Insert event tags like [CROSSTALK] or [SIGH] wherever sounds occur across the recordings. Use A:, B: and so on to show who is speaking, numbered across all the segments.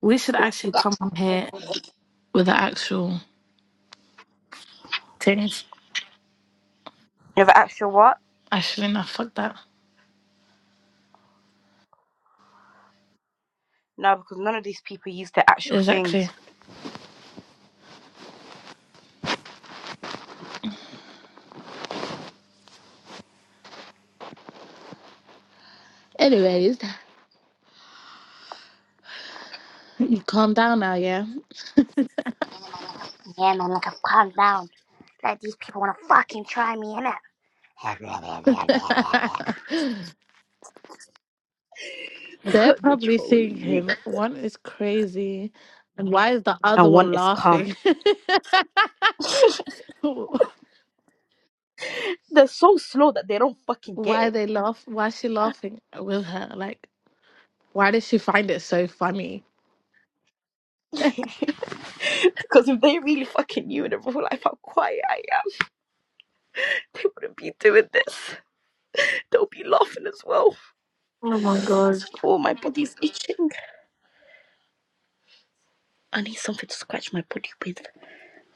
A: We should actually come on here with the actual things.
B: You have actual what?
A: Actually, no, fuck that.
B: No, because none of these people use their actual
A: Exactly.
B: things.
A: Anyways, [LAUGHS] calm down now, yeah?
B: Yeah, man, like I've calmed down. Like these people wanna fucking try me, innit?
A: [LAUGHS]
B: [LAUGHS]
A: They're
B: They're
A: probably
B: trolling me.
A: thinking one is crazy, and why is the other
B: And one
A: one
B: is calm.
A: laughing? [LAUGHS]
B: They're so slow that they don't fucking get
A: why
B: it.
A: they laugh? Why is she laughing with her? Like, why did she find it so funny?
B: Because if they really fucking knew in real life how quiet I am, they wouldn't be doing this. They'll be laughing as well.
A: Oh my god,
B: Oh, my body's itching. I need something to scratch my body with.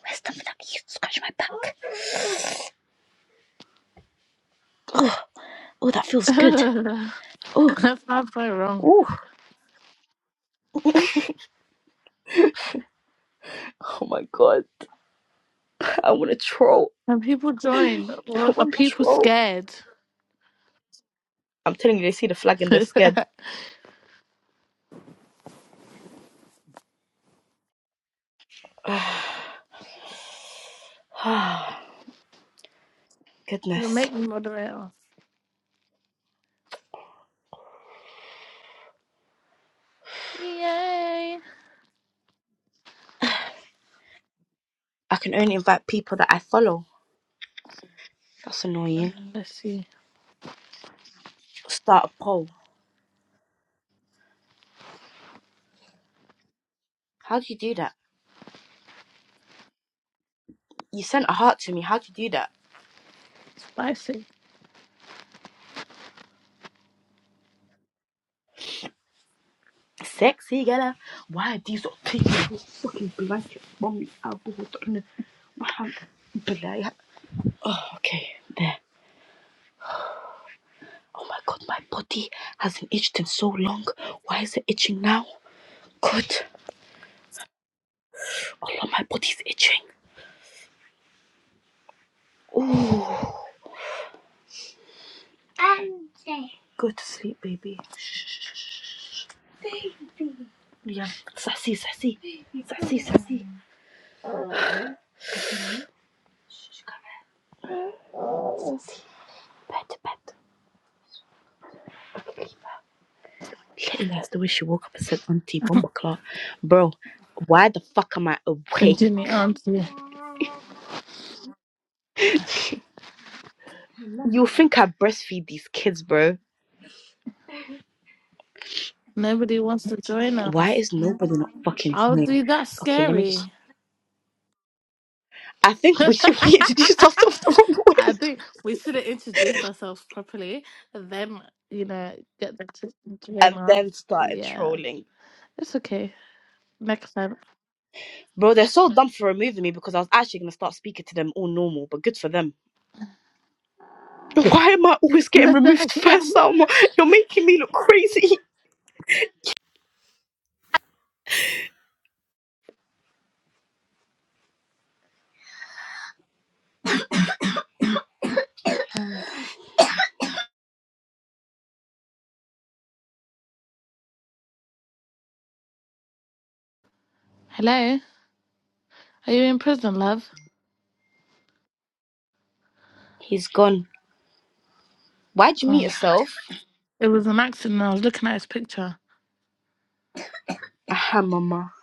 B: Where's something I can use to scratch my back? Oh, oh, that
A: [LAUGHS]
B: feels good.
A: that's
B: Oh,
A: not so wrong.
B: oh. Oh my god. I want to troll.
A: And people join.
B: I
A: Or Are
B: want to
A: people
B: troll.
A: scared?
B: I'm telling you, they see the flag and they're
A: [LAUGHS]
B: scared. [SIGHS]
A: You
B: Goodness.
A: make me mozzarella. Yay!
B: I can only invite people that I follow. That's annoying.
A: Let's see.
B: Start a poll. How do you do that? You sent a heart to me. How do you do that?
A: Spicy.
B: Sexy gala. Why are these not taking this fucking blanket from me? I bought on the- my hand. Blah. Oh, okay. There. Oh my god, my body hasn't itched in so long. Why is it itching now? Good. Allah, my body's itching. Oh, Um, say. [SIGHS] go to sleep, baby. Shh, shh, shh, Yeah, sassy, sassy, sassy, sassy. Shh, come here. Sassy, pet, pet. Okay, Letting that's the way she woke up and said, Auntie, bomba clock. Bro, why the fuck am I
A: And
B: awake?
A: Jimmy Auntie.
B: [LAUGHS] You think I breastfeed these kids, bro?
A: Nobody wants to join
B: Why
A: us.
B: is nobody not fucking
A: I'll
B: doing?
A: do that
B: Okay, let me just.
A: scary.
B: I think
A: [LAUGHS]
B: we should [LAUGHS] wait to do stuff off the wrong way
A: I think we should have introduced ourselves properly and then, you know, get them to join
B: and
A: us.
B: then started
A: Yeah.
B: trolling.
A: It's okay. Next time.
B: Bro, they're so dumb for removing me because I was actually gonna start speaking to them all normal, but good for them. Why am I always
A: [LAUGHS]
B: getting removed
A: yeah.
B: first, Salma? You're making me look crazy.
A: Hello. Are you in prison, love?
B: He's gone. Why'd you meet
A: Oh,
B: yourself?
A: it was an accident. I was looking at his picture.
B: Aham, mama.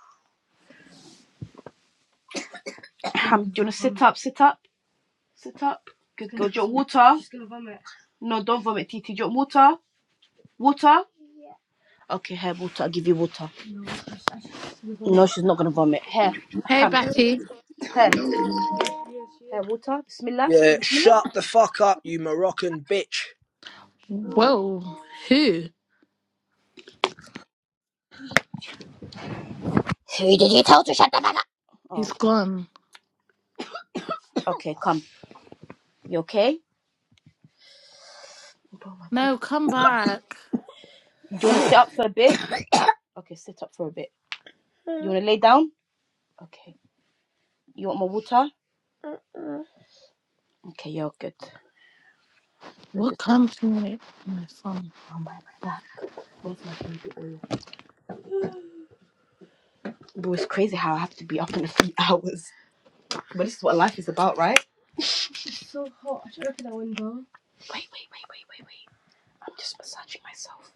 B: Aham, do you wanna sit up, sit up, sit up? Good girl, do you want water? No, don't vomit, Titi. Do you want water? Water? Okay, here, water. I'll give you water. No, she's not gonna vomit. Here,
A: Hey,
B: aham.
A: Betty.
B: Here,
C: You know.
B: here, water. Bismillah.
A: Whoa. Who?
B: Who did you tell to shut the fuck up? Oh,
A: He's gone.
B: okay, come. You okay? Bro, my body
A: No, come back.
B: Do you want to sit up for a bit? Okay, sit up for a bit. You want to lay down? Okay. You want more water? Okay, you're good. I'm
A: What
B: just
A: comes from it? My son.
B: on my back. Where's my baby oil? Bro, it's crazy how I have to be up in a few [LAUGHS] hours. But this is what life is about, right? It's so hot. I should open that window. Wait, wait, wait, wait, wait, wait. I'm just massaging myself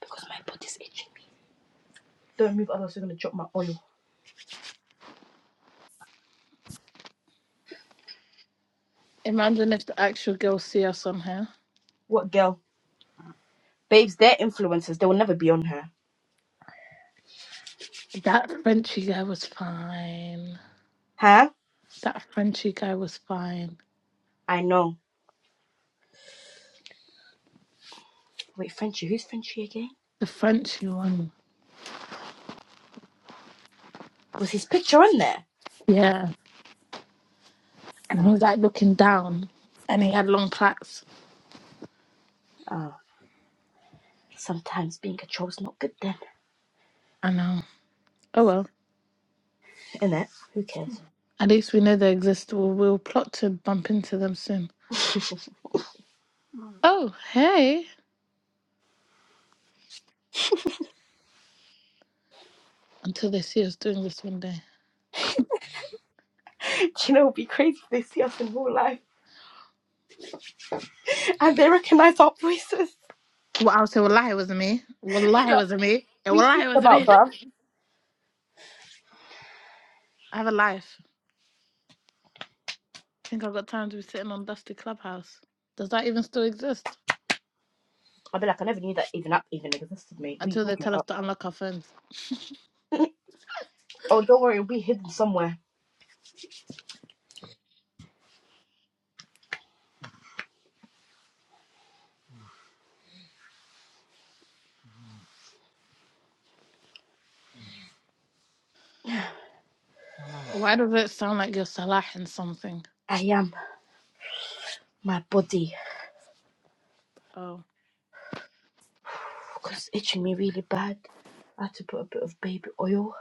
B: because my body's itching me. Don't move, otherwise you're gonna drop my oil.
A: Imagine if the actual girl see us on here.
B: What girl? Babes, they're influencers. They will never be on her.
A: That Frenchy guy was fine.
B: Huh?
A: That Frenchy guy was fine.
B: I know. Wait, Frenchie. Who's Frenchie again?
A: The Frenchy one.
B: Was his picture on there?
A: Yeah. And he
B: Oh.
A: was like looking down. And he had long plaits.
B: Oh. Sometimes being a troll's not good then,
A: I know. Oh well.
B: innit? Who cares?
A: At least we know they exist. We'll, we'll plot to bump into them soon.
B: [LAUGHS] Do
A: Oh, hey. Until they see us doing this one day.
B: you know it would be crazy if they see us in real life and they recognise our voices?
A: Well, I'll say, Wallahi, it wasn't me.
B: I'd be
A: Wallahi, it
B: like,
A: wasn't me.
B: what are you
A: Wallahi,
B: talking
A: it wasn't
B: about,
A: me.
B: bruv?
A: I have a life. I think I've got time to be sitting on Dusty Clubhouse. Does that even still exist?
B: I'd be like, I never knew that even app even existed, mate. What are you
A: Until they
B: talking
A: tell us
B: about?
A: to unlock our phones.
B: [LAUGHS] oh, don't worry, it'll be hidden somewhere.
A: Why does it sound like you're Salah in something?
B: I am my body
A: Oh,
B: because it's itching me really bad. I had to put a bit of baby oil.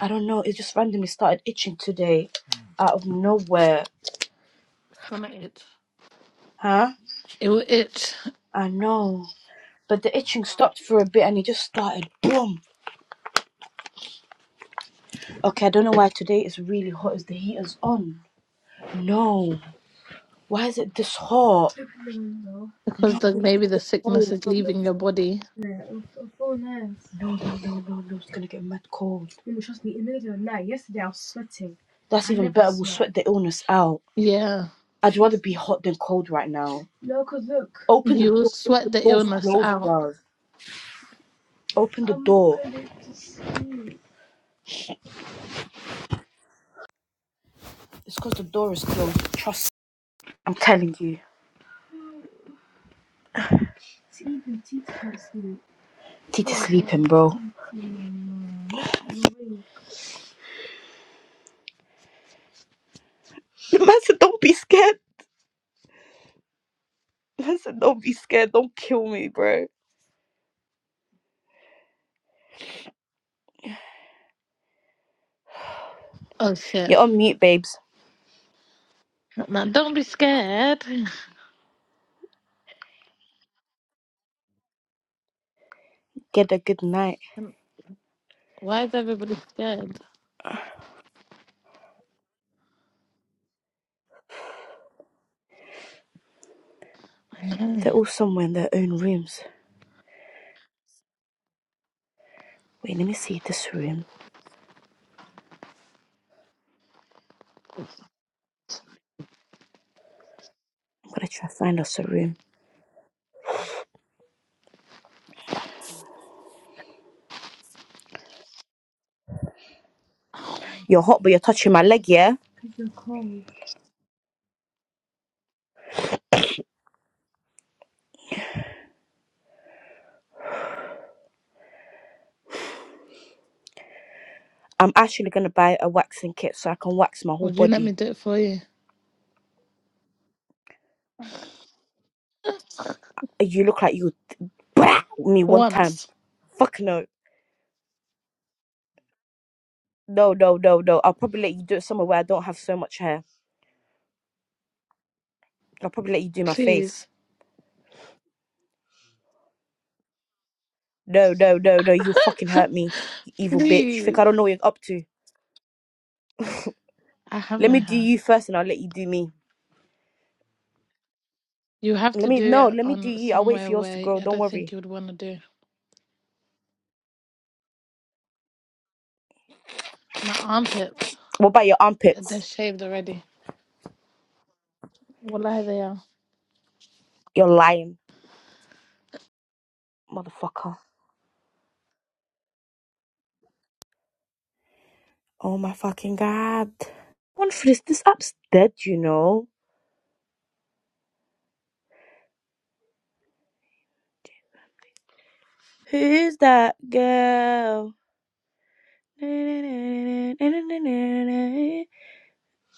B: I don't know, it just randomly started itching today out of nowhere.
A: it's gonna itch.
B: Huh?
A: It will itch
B: I know. But the itching stopped for a bit and it just started boom. Okay, I don't know why today is really hot. Is the heater's on? No. Why is it this hot? Open the window.
A: [LAUGHS] because
B: No.
A: the, maybe the sickness
B: No,
A: is leaving your body.
B: no, no, no, no. It's gonna get mad cold. No, Trust me. In the the middle of the night. Yesterday I was sweating. That's I even better. Sweat. We'll sweat the illness out.
A: Yeah.
B: I'd rather be hot than cold right now. No, cause Look. Open the
A: You will
B: door. The
A: sweat the
B: door's
A: illness
B: closed,
A: out.
B: bro. Open the I'm door. It's because the door is closed. Trust. I'm telling you. Sleeping. Tita's sleeping, Tita's sleeping, bro. [LAUGHS] Listen, don't be scared. Listen, don't be scared. Don't kill me, bro.
A: Oh shit.
B: You're on mute, babes.
A: Now, don't be scared. [LAUGHS]
B: Get a good night.
A: Why is everybody scared? I
B: They're all somewhere in their own rooms. Wait, let me see this room. I'm gonna try to find us a room.
A: know.
B: You're hot, but you're touching my leg, yeah? Because you're cold. I'm actually gonna buy a waxing kit so I can wax my
A: [SIGHS]
B: whole
A: Would you let me
B: body.
A: do it for you?
B: Uh, You look like you would [LAUGHS] me one time.
A: Once.
B: Fuck no. No, no, no, no. I'll probably let you do it somewhere where I don't have so much hair. I'll probably let you do my face.
A: Please.
B: No, no, no, no. You fucking hurt me. You evil bitch. Think I
A: Please.
B: don't know what you're up to.
A: I have
B: Let
A: no
B: me do
A: hair.
B: you first and I'll let you do me.
A: You have
B: Let
A: to
B: me
A: do
B: no,
A: it
B: let me do
A: on
B: you. I'll wait
A: somewhere
B: for yours
A: where
B: to grow.
A: I
B: Don't
A: don't think
B: worry.
A: you would want to do. My armpits,
B: What about your
A: they're
B: armpits?
A: shaved already. Wallahi, they are.
B: You're lying, motherfucker. Oh my fucking god. One for this this app's dead, you know. Who's that girl?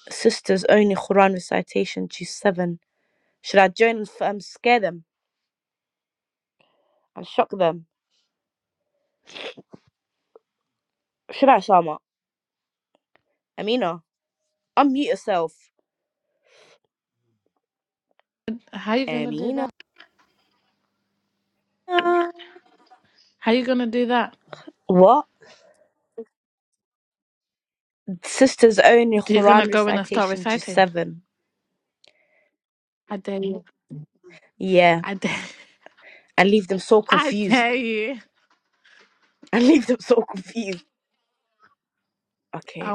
B: Sisters only Quran recitation She's 7 Should I join and f- um, scare them and shock them? Should I, Shama? Amina, unmute yourself.
A: How you gonna do
B: Amina.
A: that?
B: [LAUGHS]
A: How you gonna do that?
B: What? Sisters only
A: Do you gonna
B: Quran
A: go in and start
B: recitation just
A: reciting?
B: seven.
A: I dare you.
B: Yeah.
A: I dare.
B: And leave them so
A: [LAUGHS] I
B: confused.
A: dare
B: [LAUGHS]
A: you.
B: And leave them so confused. Okay.
A: Oh